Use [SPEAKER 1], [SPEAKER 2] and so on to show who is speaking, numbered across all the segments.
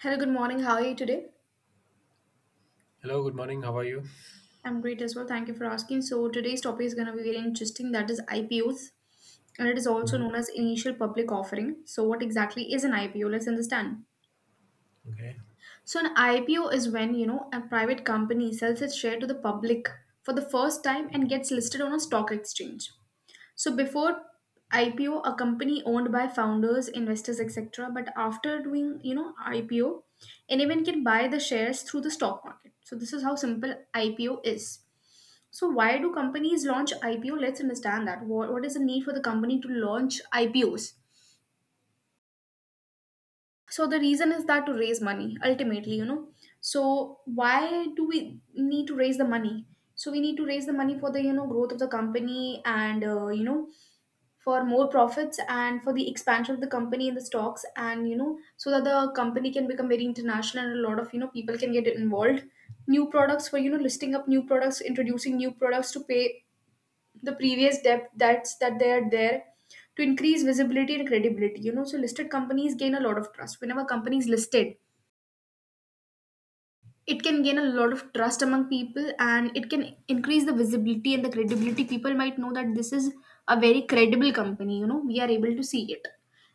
[SPEAKER 1] Hello, good morning. How are you today?
[SPEAKER 2] Hello, good morning. How are you?
[SPEAKER 1] I'm great as well. Thank you for asking. So today's topic is going to be very interesting. That is IPOs, and it is also
[SPEAKER 2] Mhm.
[SPEAKER 1] known as initial public offering. So what exactly is an IPO? Let's understand.
[SPEAKER 2] Okay.
[SPEAKER 1] So an IPO is when, you know, a private company sells its share to the public for the first time and gets listed on a stock exchange. So before IPO, a company owned by founders, investors, etc. But after doing, you know, IPO, anyone can buy the shares through the stock market. So this is how simple IPO is. So why do companies launch IPO? Let's understand that. What is the need for the company to launch IPOs? So the reason is that to raise money, ultimately, you know. So why do we need to raise the money? So we need to raise the money for the, you know, growth of the company and you know, for more profits and for the expansion of the company in the stocks and, you know, so that the company can become very international and a lot of, you know, people can get involved, new products, for, you know, listing up new products, introducing new products, to pay the previous debt that they are there, to increase visibility and credibility. You know, so listed companies gain a lot of trust. Whenever companies listed, it can gain a lot of trust among people and it can increase the visibility and the credibility. People might know that this is a very credible company, you know, we are able to see it.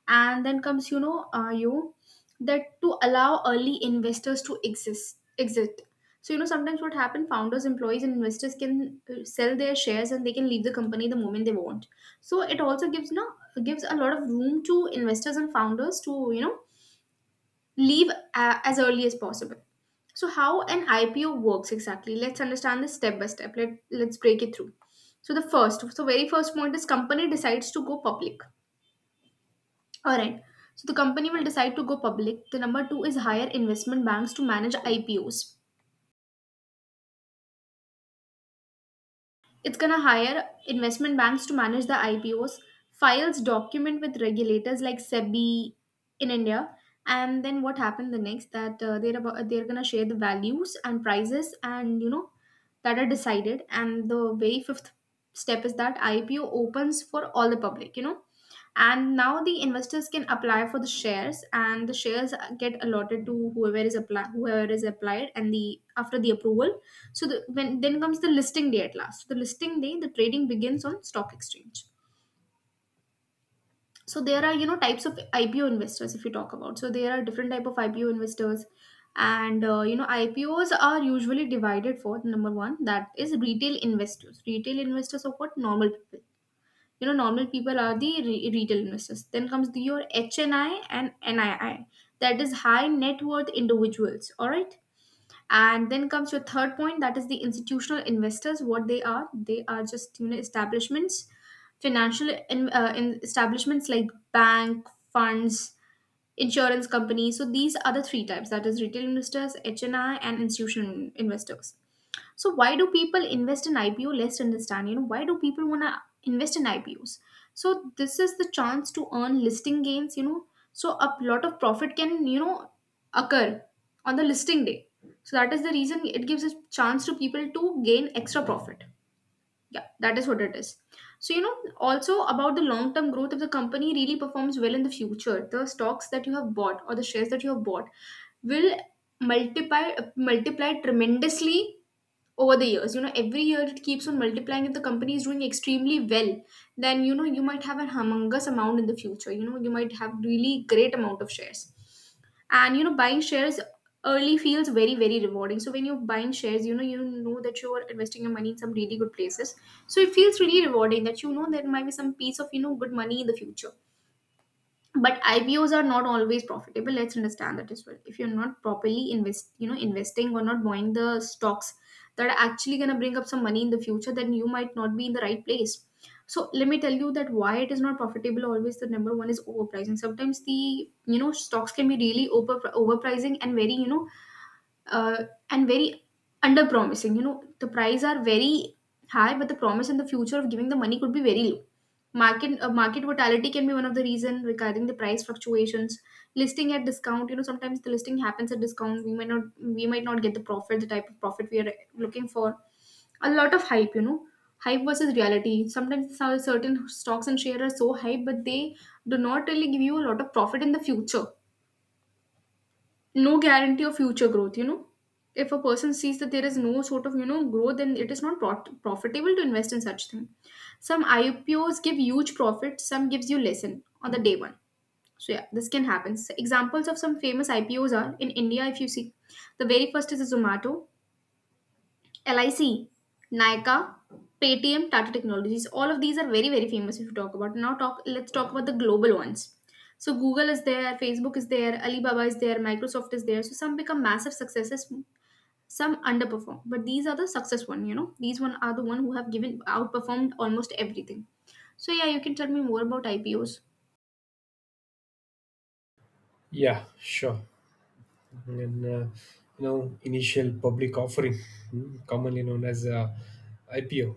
[SPEAKER 1] And then comes, you know, you that, to allow early investors to exist exit. So, you know, sometimes what happen, founders, employees and investors can sell their shares and they can leave the company the moment they want. So it also gives, you know, gives a lot of room to investors and founders to, you know, leave as early as possible. So, how an IPO works exactly? Let's understand this step by step. Let's break it through. So, the first, so very first point is company decides to go public. All right. So, the company will decide to go public. The number two is hire investment banks to manage IPOs. It's going to hire investment banks to manage the IPOs, files document with regulators like SEBI in India, and then what happened the next that they're going to share the values and prices and, you know, that are decided. And the very fifth step is that IPO opens for all the public, you know. And now the investors can apply for the shares and the shares get allotted to whoever is apply whoever is applied and the after the approval. So the, when, then comes the listing day at last. The listing day, the trading begins on stock exchange. So there are, you know, types of IPO investors, if you talk about. So there are different type of IPO investors, and you know, IPOs are usually divided for number one, that is retail investors. Retail investors are what? Normal people. You know, normal people are the retail investors. Then comes the, your HNI and NII, that is high net worth individuals. All right, and then comes your third point, that is the institutional investors. What they are? They are just, you know, establishments, financial in establishments like bank, funds, insurance companies. So these are the three types, that is retail investors, HNI and institutional investors. So why do people invest in IPO? Let's understand. You know, why do people wanna invest in IPOs? So this is the chance to earn listing gains. You know, so a lot of profit can, you know, occur on the listing day. So that is the reason, it gives a chance to people to gain extra profit. Yeah, that is what it is. So, you know, also about the long term growth, if the company really performs well in the future, the stocks that you have bought or the shares that you have bought will multiply tremendously over the years. You know, every year it keeps on multiplying. If the company is doing extremely well, then, you know, you might have a humongous amount in the future. You know, you might have really great amount of shares. And, you know, buying shares early feels very very rewarding. So when you're buying shares, you know, you know that you are investing your money in some really good places. So it feels really rewarding that, you know, there might be some piece of, you know, good money in the future. But IPOs are not always profitable. Let's understand that as well. If you're not properly invest, you know, investing or not buying the stocks that are actually gonna bring up some money in the future, then you might not be in the right place. So let me tell you that why it is not profitable always. The number one is overpricing. Sometimes the, you know, stocks can be really overpricing and very, you know, uh, and very under promising. You know, the price are very high, but the promise in the future of giving the money could be very low. Market volatility can be one of the reason regarding the price fluctuations. Listing at discount, you know, sometimes the listing happens at discount. We might not get the profit, the type of profit we are looking for. A lot of hype, you know, hype versus reality. Sometimes some certain stocks and shares are so hype, but they do not really give you a lot of profit in the future. No guarantee of future growth, you know, if a person sees that there is no sort of, you know, growth, then it is not profitable to invest in such thing. Some IPOs give huge profit, some gives you lesson on the day one. So yeah, this can happen. So examples of some famous IPOs are in India, if you see, the very first is a Zomato, LIC, Nykaa, Paytm, Tata Technologies, all of these are very, very famous, if you talk about. Now talk let's talk about the global ones. So Google is there, Facebook is there, Alibaba is there, Microsoft is there. So some become massive successes, some underperform. But these are the success one, you know. These one are the one who have given outperformed almost everything. So yeah, you can tell me more about IPOs.
[SPEAKER 2] Yeah, sure. And you know, initial public offering, commonly known as IPO,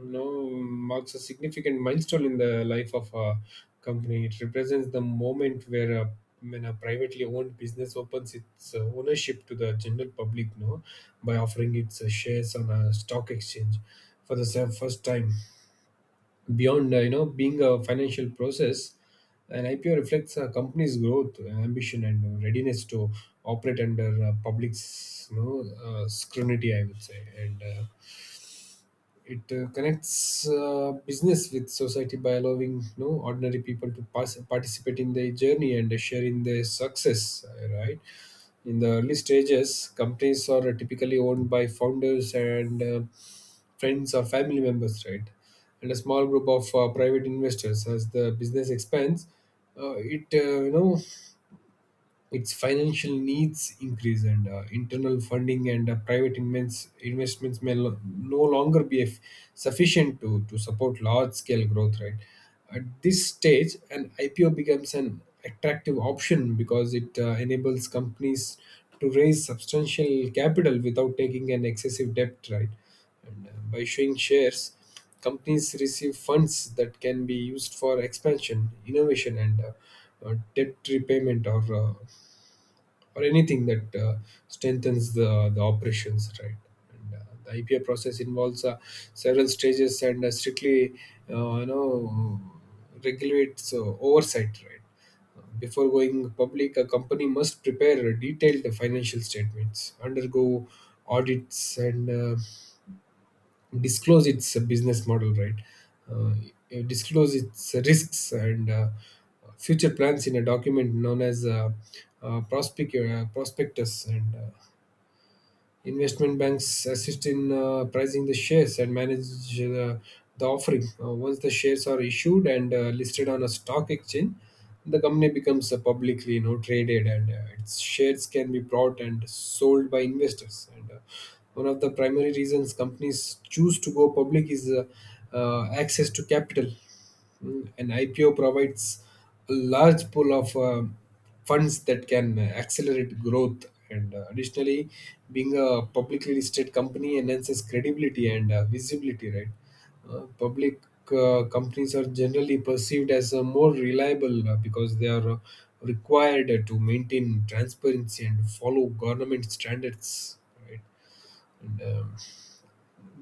[SPEAKER 2] you know, marks a significant milestone in the life of a company. It represents the moment where a when a privately owned business opens its ownership to the general public, no, by offering its shares on a stock exchange for the first time. Beyond you know being a financial process, an IPO reflects a company's growth, ambition, and readiness to operate under public scrutiny. I would say, and it connects business with society by allowing you know, ordinary people to participate in their journey and share in their success, right? In the early stages, companies are typically owned by founders and friends or family members, right? And a small group of private investors. As the business expands, it you know its financial needs increase and internal funding and private investments may no longer be sufficient to support large scale growth, right? At this stage, an IPO becomes an attractive option because it enables companies to raise substantial capital without taking an excessive debt, right? And by showing shares, companies receive funds that can be used for expansion, innovation, and debt repayment or anything that strengthens the operations, right? And The IPO process involves several stages and you know, regulates oversight, right? Before going public, a company must prepare detailed financial statements, undergo audits, and disclose its business model, right? Uh, it disclose its risks and future plans in a document known as a, uh, prospectus. And Investment banks assist in pricing the shares and manage the offering. Once the shares are issued and listed on a stock exchange, the company becomes publicly you know, traded and its shares can be bought and sold by investors. And One of the primary reasons companies choose to go public is access to capital. An IPO provides a large pool of funds that can accelerate growth. And Additionally, being a publicly listed company enhances credibility and visibility, right? Public companies are generally perceived as more reliable because they are required to maintain transparency and follow government standards, right? And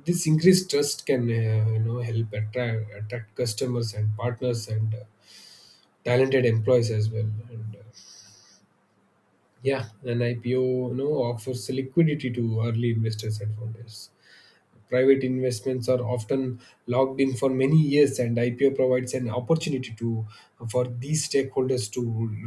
[SPEAKER 2] this increased trust can you know help attract customers and partners and talented employees as well. And Yeah, an IPO you know offers liquidity to early investors and founders. Private investments are often locked in for many years, and IPO provides an opportunity to for these stakeholders to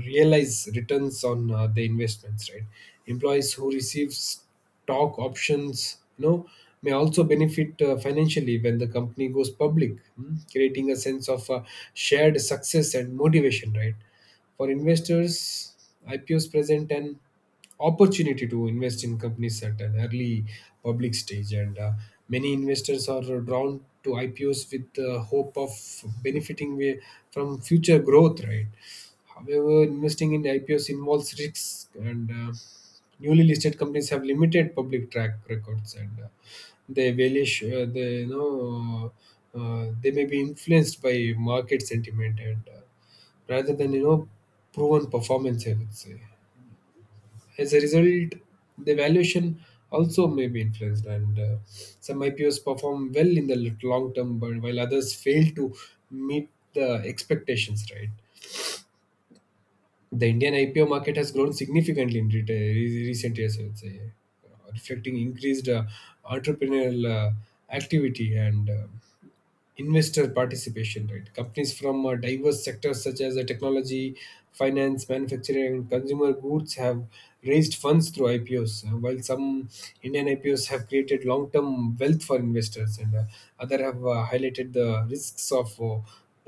[SPEAKER 2] realize returns on the investments. Right, employees who receive stock options, you know, may also benefit financially when the company goes public, hmm, creating a sense of shared success and motivation. Right, for investors, IPOs present an opportunity to invest in companies at an early public stage, and many investors are drawn to IPOs with the hope of benefiting from future growth, right? However, investing in IPOs involves risks, and newly listed companies have limited public track records, and they you know they may be influenced by market sentiment and rather than you know proven performance, I would say. As a result, the valuation also may be influenced, and some IPOs perform well in the long term, but while others fail to meet the expectations. Right, the Indian IPO market has grown significantly in recent years, I would say, reflecting increased entrepreneurial uh, activity and investor participation, right? Companies from diverse sectors such as technology, finance, manufacturing, and consumer goods have raised funds through IPOs. While some Indian IPOs have created long-term wealth for investors, and other have highlighted the risks of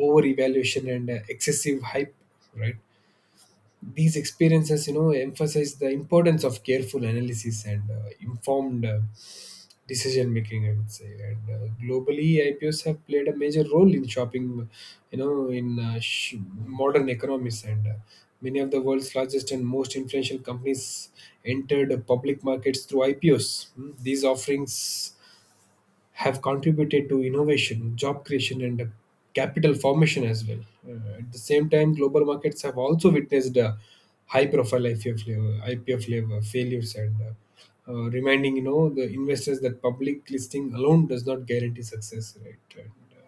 [SPEAKER 2] over-evaluation and excessive hype, right? These experiences you know emphasize the importance of careful analysis and informed decision making, I would say. And globally, IPOs have played a major role in shopping you know in modern economies, and many of the world's largest and most influential companies entered public markets through IPOs. Hmm, these offerings have contributed to innovation, job creation, and capital formation as well. At the same time, global markets have also witnessed high-profile IPO flavor failures, and reminding you know the investors that public listing alone does not guarantee success. Right? Uh,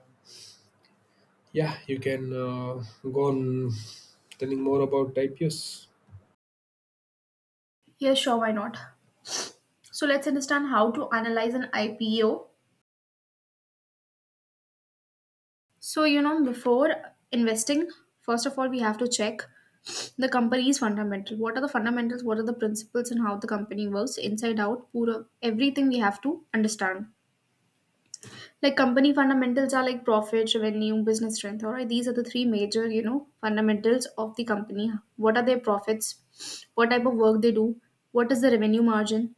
[SPEAKER 2] yeah, you can go on telling more about IPOs.
[SPEAKER 1] Yeah, sure, why not? So let's understand how to analyze an IPO. So, you know, before investing, first of all, we have to check the company's fundamental. What are the fundamentals? What are the principles and how the company works inside out? Pura, everything we have to understand. Like company fundamentals are like profit, revenue, business strength. All right, these are the three major, you know, fundamentals of the company. What are their profits? What type of work they do? What is the revenue margin?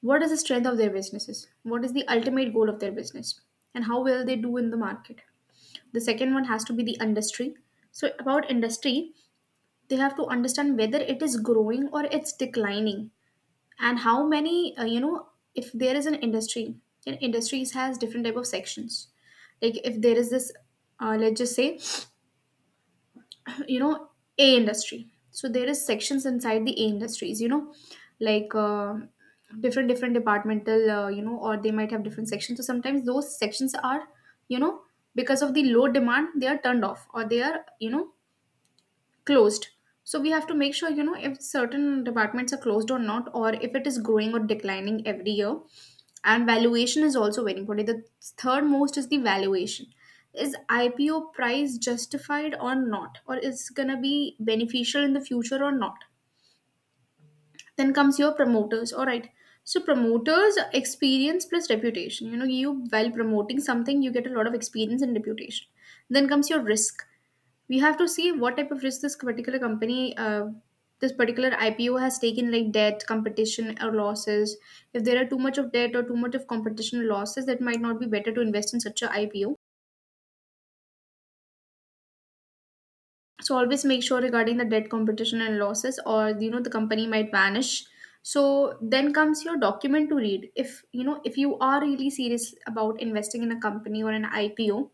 [SPEAKER 1] What is the strength of their businesses? What is the ultimate goal of their business? And how well they do in the market? The second one has to be the industry. So about industry, they have to understand whether it is growing or it's declining. And how many you know, if there is an industry, and industries has different type of sections. Like if there is this, let's just say, you know, a industry, so there is sections inside the a industries, you know, like, different different departmental, you know, or they might have different sections. So sometimes those sections are, you know, because of the low demand they are turned off or they are, you know, closed. So we have to make sure, you know, if certain departments are closed or not, or if it is growing or declining every year. And valuation is also very important. The third most is the valuation. Is IPO price justified or not, or is going to be beneficial in the future or not? Then comes your promoters. All right, so promoters experience plus reputation. You know, you, while promoting something, you get a lot of experience and reputation. Then comes your risk. We have to see what type of risk this particular company this particular IPO has taken, like debt, competition or losses. If there are too much of debt or too much of competition and losses, that might not be better to invest in such a IPO. So always make sure regarding the debt, competition and losses, or you know, the company might vanish. So then comes your document to read, if you know, if you are really serious about investing in a company or an IPO.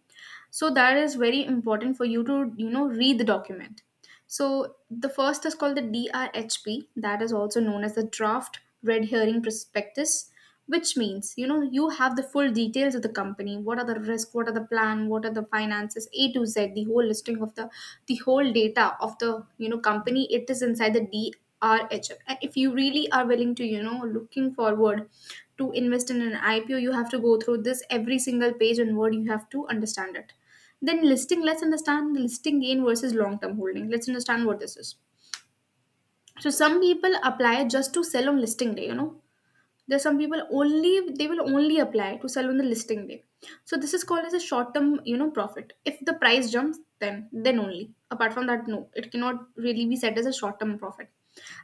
[SPEAKER 1] So that is very important for you to, you know, read the document. So the first is called the DRHP, that is also Known as the draft red herring prospectus, which means you have the full details of the company, what are the risk, what are the plan, what are the finances, a to z, the whole listing of the whole data of the company. It is inside the DRHP. And if you really are willing to, looking forward to invest in an IPO, you have to go through this every single page and word. You have to understand it. Then listing, let's understand the listing gain versus long term holding. Let's understand what this is. So some people apply just to sell on listing day. There's some people only, they will only apply to sell on the listing day. So this is called as a short term, profit. If the price jumps, then only. Apart from that, no, it cannot really be said as a short term profit.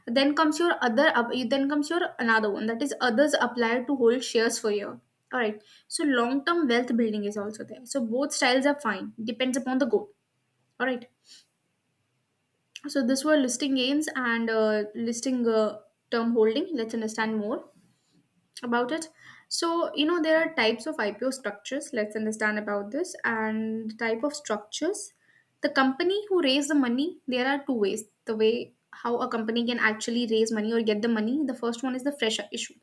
[SPEAKER 1] Then comes your then comes your another one, that is others apply to hold shares for year. All right. So long term wealth building is also there. So both styles are fine. Depends upon the goal. All right. So this were listing gains and listing term holding. Let's understand more about it. So, there are types of IPO structures. Let's understand about this and type of structures. The company who raise the money, there are two ways. The way how a company can actually raise money or get the money. The first one is the fresh issue.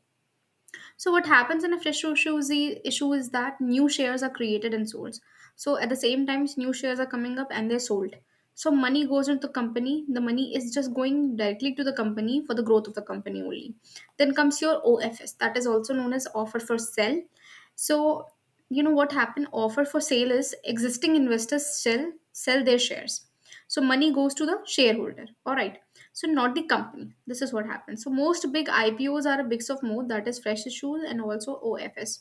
[SPEAKER 1] So what happens in a fresh issue is, issue is that new shares are created and sold. So at the same time, new shares are coming up and they're sold. So money goes into the company. The money is just going directly to the company for the growth of the company only. Then comes your OFS, that is also known as offer for sell. So what happened? Offer for sale is existing investors sell their shares. So money goes to the shareholder. All right, so not the company. This is what happens. So most big ipos are a mix of both, that is fresh issues and also ofs.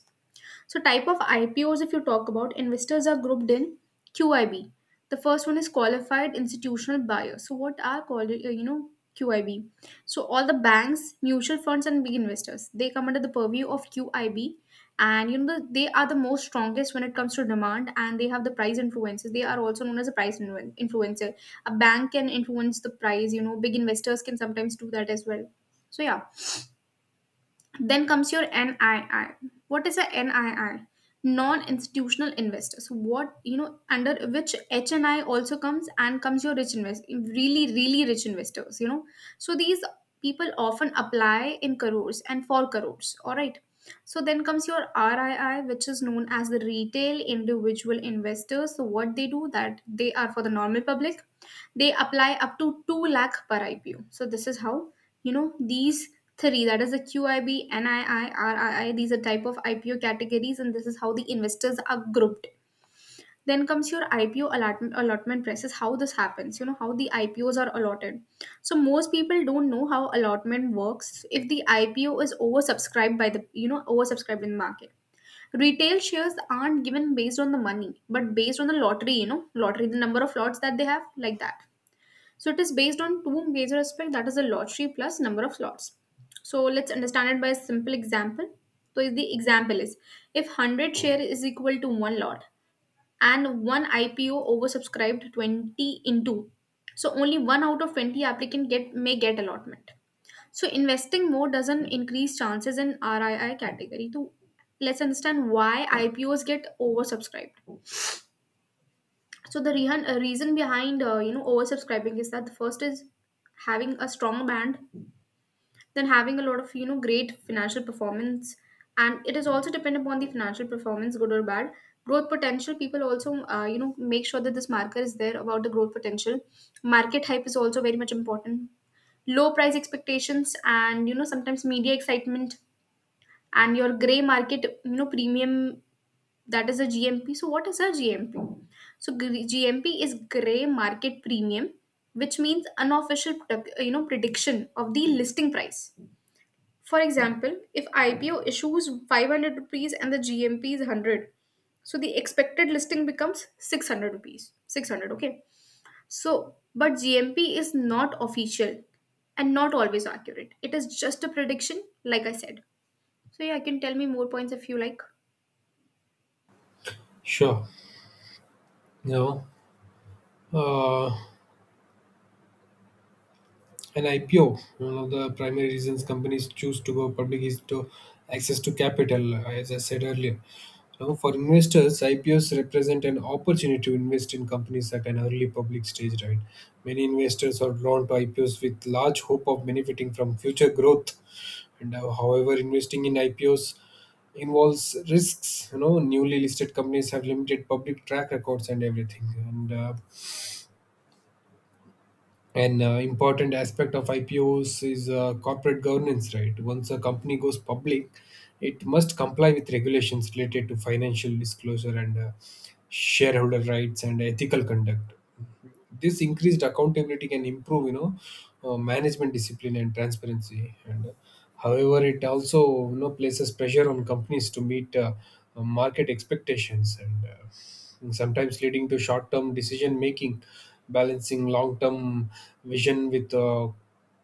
[SPEAKER 1] So type of IPOs, if you talk about, investors are grouped in QIB. The first one is qualified institutional buyer. So what are called, QIB? So all the banks, mutual funds, and big investors, they come under the purview of QIB, and they are the most strongest when it comes to demand, and they have the price influences. They are also known as a price influencer. A bank can influence the price. You know, big investors can sometimes do that as well. So yeah, then comes your NII. What is a NII? Non-institutional investors. What under which HNI also comes and comes your really really rich investors. You know, so these people often apply in crores and for crores. All right. So then comes your RII, which is known as the retail individual investors. So what they do, that they are for the normal public. They apply up to two lakh per IPO. So this is how. These three, that is the QIB, NII, RII, these are type of IPO categories, and this is how the investors are grouped. Then comes your IPO allotment, allotment price is how this happens, how the IPOs are allotted. So most people don't know how allotment works if the IPO is oversubscribed by oversubscribed in the market. Retail shares aren't given based on the money, but based on the lottery, the number of lots that they have, like that. So it is based on two major aspects, that is the lottery plus number of slots. So let's understand it by a simple example. So is the example is if 100 share is equal to one lot, and one IPO oversubscribed 20 into. So only one out of 20 applicant get may get allotment. So investing more doesn't increase chances in RII category. So let's understand why IPOs get oversubscribed. So the reason, reason behind oversubscribing is that the first is having a strong band, then having a lot of great financial performance, and it is also dependent upon the financial performance, good or bad. Growth potential, people also make sure that this marker is there about the growth potential. Market hype is also very much important. Low price expectations, and sometimes media excitement, and your gray market premium, that is a GMP. So what is a GMP? So, GMP is gray market premium, which means unofficial prediction of the listing price. For example, if IPO issues 500 rupees and the GMP is 100, so the expected listing becomes 600 rupees. 600, okay. So but GMP is not official and not always accurate. It is just a prediction, like I said. So yeah, I can tell me more points if you like.
[SPEAKER 2] Sure. Now, uh, An IPO, one of the primary reasons companies choose to go public is to access to capital, as I said earlier. Now, for investors, IPOs represent an opportunity to invest in companies at an early public stage, right? Many investors are drawn to IPOs with large hope of benefiting from future growth. And However, investing in IPOs involves risks. You know, newly listed companies have limited public track records and everything. And an important aspect of IPOs is corporate governance, right? Once a company goes public, it must comply with regulations related to financial disclosure and shareholder rights and ethical conduct. This increased accountability can improve you know management discipline and transparency, and however, it also you know places pressure on companies to meet market expectations, and sometimes leading to short term decision making. Balancing long term vision with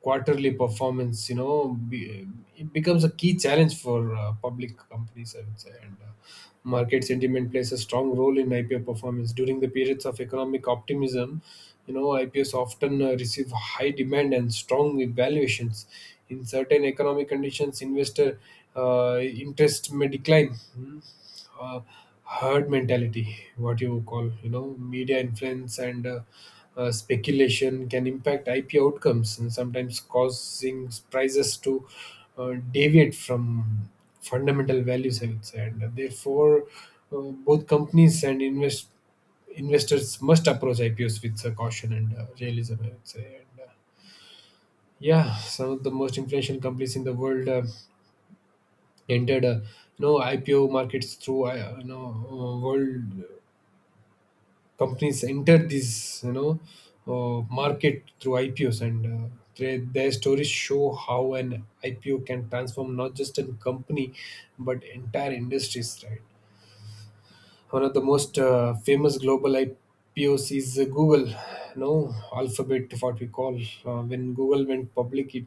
[SPEAKER 2] quarterly performance you know it becomes a key challenge for public companies, I would say. And market sentiment plays a strong role in IPO performance. During the periods of economic optimism, you know, IPOs often receive high demand and strong valuations. In certain economic conditions, investor uh, interest may decline. Hmm, uh, herd mentality, what you call, you know, media influence, and speculation can impact IP outcomes, and sometimes causing prices to deviate from fundamental values, I would say. And therefore, uh, both companies and investors must approach IPOs with caution and realism, I would say. And yeah, some of the most influential companies in the world entered you know IPO markets through you know world companies entered this you know market through IPOs, and their stories show how an IPO can transform not just a company but entire industries. Right, one of the most famous global IPOs is Google, you know, Alphabet, what we call. When Google went public, it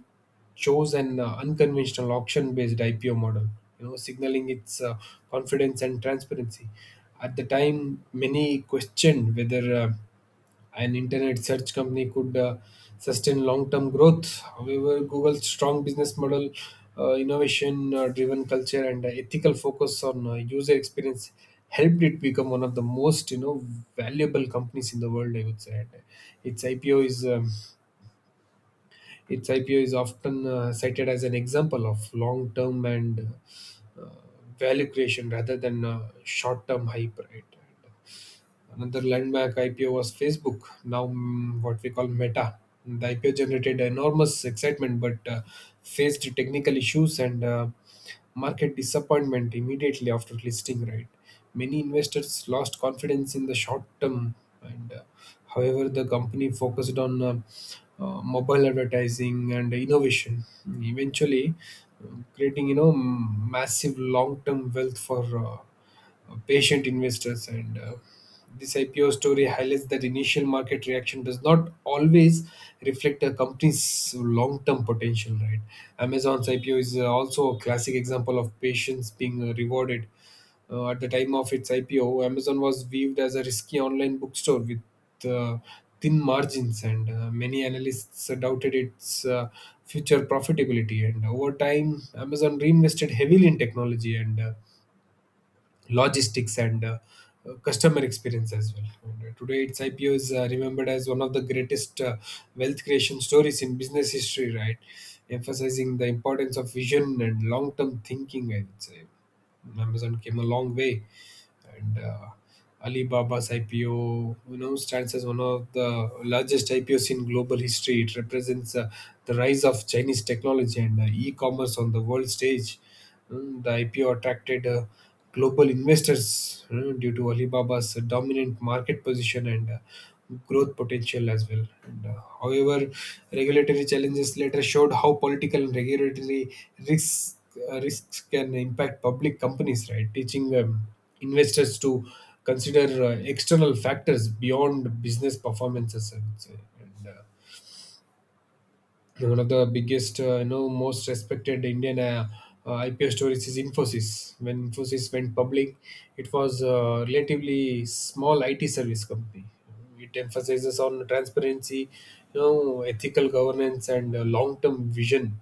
[SPEAKER 2] chose an unconventional auction-based IPO model, you know, signaling its confidence and transparency. At the time, many questioned whether an internet search company could sustain long-term growth. However, Google's strong business model, innovation-driven culture, and ethical focus on user experience helped it become one of the most you know valuable companies in the world, I would say. And its IPO is um, its IPO is often cited as an example of long-term and uh, value creation rather than short-term hype. Right? Another landmark IPO was Facebook, now, what we call Meta. The IPO generated enormous excitement, but faced technical issues and market disappointment immediately after listing, right? Many investors lost confidence in the short term, and however, the company focused on mobile advertising and innovation, eventually creating you know massive long term wealth for patient investors, and this IPO story highlights that initial market reaction does not always reflect a company's long-term potential. Right? Amazon's IPO is also a classic example of patience being rewarded. At the time of its IPO, Amazon was viewed as a risky online bookstore with uh, thin margins, and many analysts doubted its future profitability. And over time, Amazon reinvested heavily in technology and logistics and customer experience as well. Today, its IPO is remembered as one of the greatest wealth creation stories in business history, right? Emphasizing the importance of vision and long term thinking, I would say. Amazon came a long way, and Alibaba's IPO, you know, stands as one of the largest IPOs in global history. It represents the rise of Chinese technology and e-commerce on the world stage. Mm, the IPO attracted global investors, mm, due to Alibaba's dominant market position and growth potential as well. However, regulatory challenges later showed how political and regulatory risks risks can impact public companies, right? Teaching them investors to consider external factors beyond business performances, I would say. And, uh, One of the biggest, you know, most respected Indian IPO stories is Infosys. When Infosys went public, it was a relatively small IT service company. It emphasizes on transparency, you know, ethical governance, and long-term vision,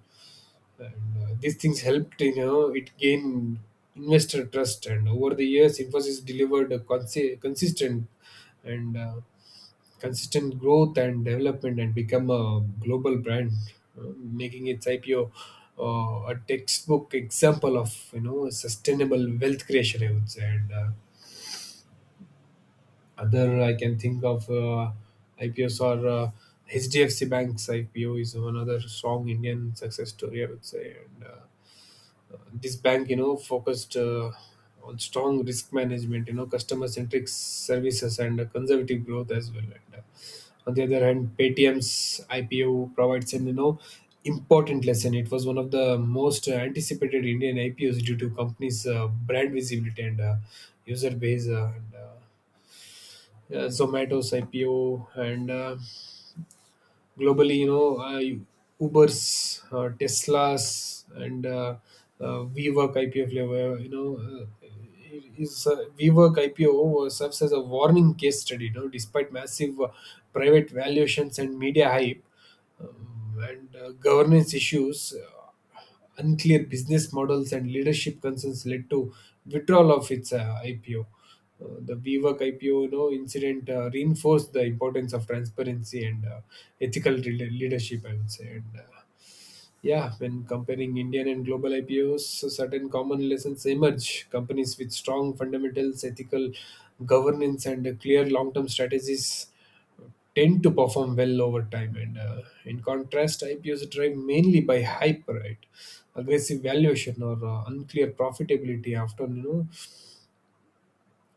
[SPEAKER 2] and these things helped, you know, it gained investor trust. And over the years, Infosys delivered a consistent and consistent growth and development, and become a global brand, making its IPO a textbook example of, you know, sustainable wealth creation, I would say. And Other I can think of IPOs are HDFC Bank's IPO is another strong Indian success story, I would say. And This bank, you know, focused on strong risk management, you know, customer centric services, and conservative growth as well, and on the other hand, Paytm's IPO provides an you know important lesson. It was one of the most anticipated Indian IPOs due to companies brand visibility and user base, and yeah, Zomato's IPO, and globally you know, Uber's, Tesla's, and vwork ipo level, you know, is vwork ipo serves as a warning case study, you know. Despite massive private valuations and media hype, and governance issues, unclear business models, and leadership concerns led to withdrawal of its IPO. The WeWork IPO, you know, incident reinforced the importance of transparency and leadership, I would say. Yeah, when comparing Indian and global IPOs, certain common lessons emerge. Companies with strong fundamentals, ethical governance, and a clear long term strategies tend to perform well over time. And In contrast, IPOs are driven mainly by hype, right? Aggressive valuation or unclear profitability often you know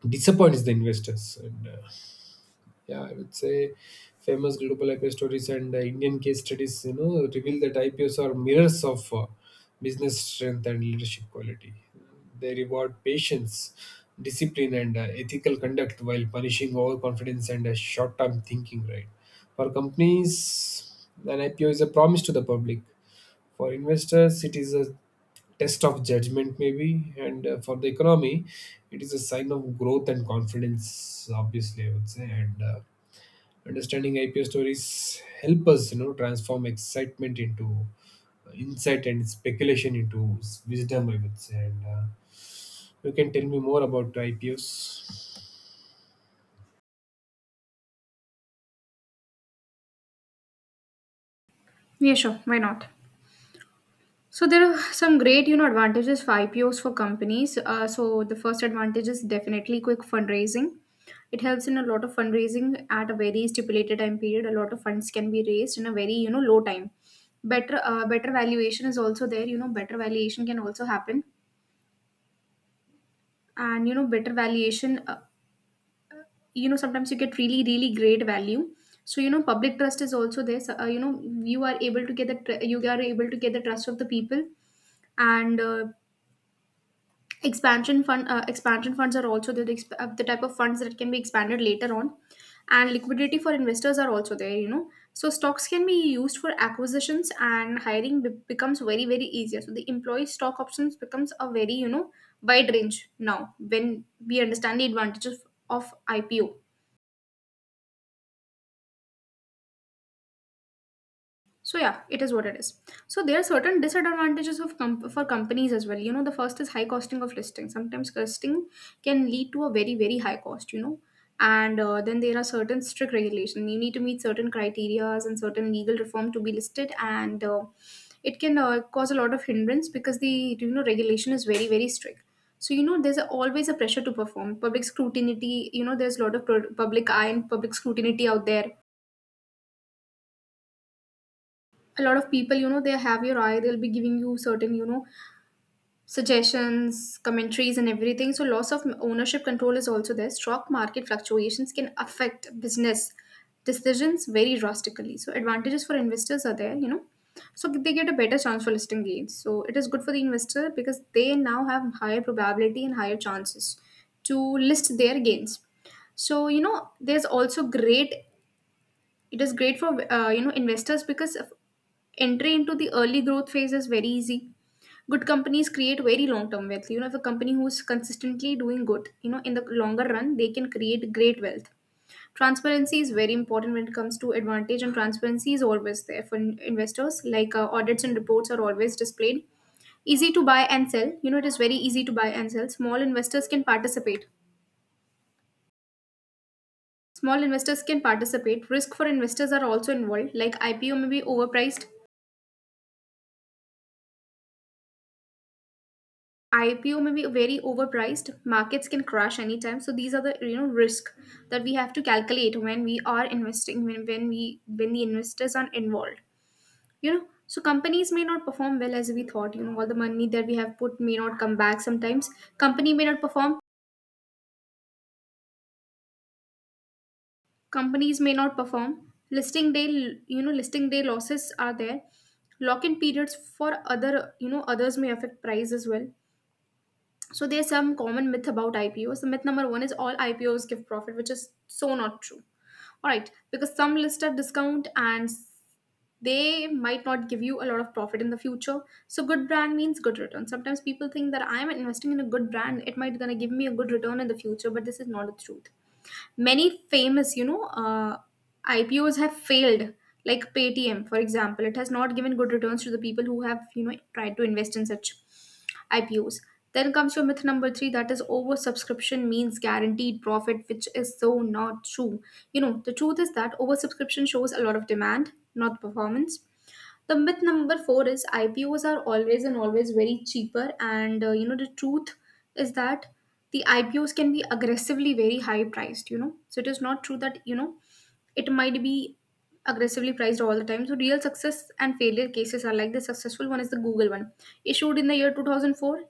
[SPEAKER 2] disappoints the investors. And Yeah, I would say famous global IPO stories and Indian case studies, you know, reveal that IPOs are mirrors of business strength and leadership quality. They reward patience, discipline, and ethical conduct while punishing overconfidence and short term thinking, right? For companies, an IPO is a promise to the public. For investors, it is a test of judgment maybe, and for the economy it is a sign of growth and confidence obviously, I would say. And Understanding IPO stories help us, you know, transform excitement into insight and speculation into wisdom, I would say. And You can tell me more about IPOs.
[SPEAKER 1] Yeah, sure. Why not? So there are some great, advantages for IPOs for companies. So the first advantage is definitely quick fundraising. It helps in a lot of fundraising at a very stipulated time period. A lot of funds can be raised in a very, low time. Better, better valuation is also there. Better valuation can also happen, and better valuation. Sometimes you get really, really great value. So public trust is also there. So, you are able to get you are able to get the trust of the people and expansion funds are also the type of funds that can be expanded later on. And liquidity for investors are also there, you know. So stocks can be used for acquisitions, and hiring becomes very very easier. So the employee stock options becomes a very, wide range now, when we understand the advantages of ipo. So yeah, it is what it is. So there are certain disadvantages of for companies as well. The first is high costing of listing. Sometimes listing can lead to a very very high cost, you know. And then there are certain strict regulation, you need to meet certain criterias and certain legal reform to be listed. And it can cause a lot of hindrance, because the regulation is very very strict. So there's always a pressure to perform. Public scrutiny, you know, there's a lot of public eye and public scrutiny out there. A lot of people, you know, they have your eye, they'll be giving you certain, suggestions, commentaries and everything. So loss of ownership control is also there. Stock market fluctuations can affect business decisions very drastically. So advantages for investors are there, you know. So they get a better chance for listing gains. So it is good for the investor, because they now have higher probability and higher chances to list their gains. So there's also great, it is great for investors entry into the early growth phase is very easy. Good companies create very long term wealth. You know, if a company who's consistently doing good, you know, in the longer run, they can create great wealth. Transparency is very important when it comes to advantage, and transparency is always there for investors. Like audits and reports are always displayed. Easy to buy and sell. You know, it is very easy to buy and sell. Small investors can participate. Small investors can participate. Risk for investors are also involved, like ipo may be overpriced. IPO may be very overpriced. Markets can crash anytime. So these are the, risk that we have to calculate when we are investing, when the investors are involved. You know, so companies may not perform well as we thought. You know, all the money that we have put may not come back. Sometimes company may not perform. companies may not perform. Listing day, you know, listing day losses are there. Lock in periods for other, you know, others may affect price as well. So there's some common myth about IPOs. The myth number one is all IPOs give profit, which is so not true. All right, because some list at discount and they might not give you a lot of profit in the future. So good brand means good return. Sometimes people think that I'm investing in a good brand, it might gonna give me a good return in the future, but this is not the truth. Many famous, ipos have failed, like paytm for example. It has not given good returns to the people who have, tried to invest in such ipos. Then comes your myth number three, that is oversubscription means guaranteed profit, which is so not true. You know, the truth is that oversubscription shows a lot of demand, not performance. The myth number four is IPOs are always and always very cheaper, and you know the truth is that the IPOs can be aggressively very high priced. You know, so it is not true that it might be aggressively priced all the time. So real success and failure cases are like, the successful one is the Google one, issued in the year 2004,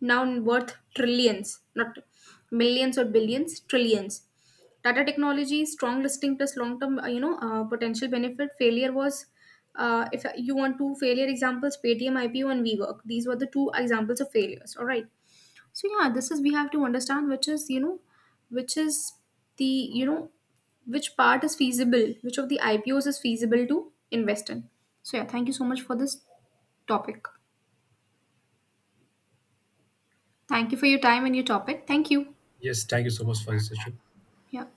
[SPEAKER 1] now worth trillions, not millions or billions, trillions. Tata Technology, strong listing plus long term potential benefit. Failure was, if you want two failure examples, Paytm IPO and WeWork. These were the two examples of failures. All right. So yeah, this is we have to understand which is, you know which is the you know which part is feasible, which of the IPOs is feasible to invest in. So yeah, thank you so much for this topic. Thank you for your time and your topic. Thank you.
[SPEAKER 2] Yes, thank you so much for the session.
[SPEAKER 1] Yeah.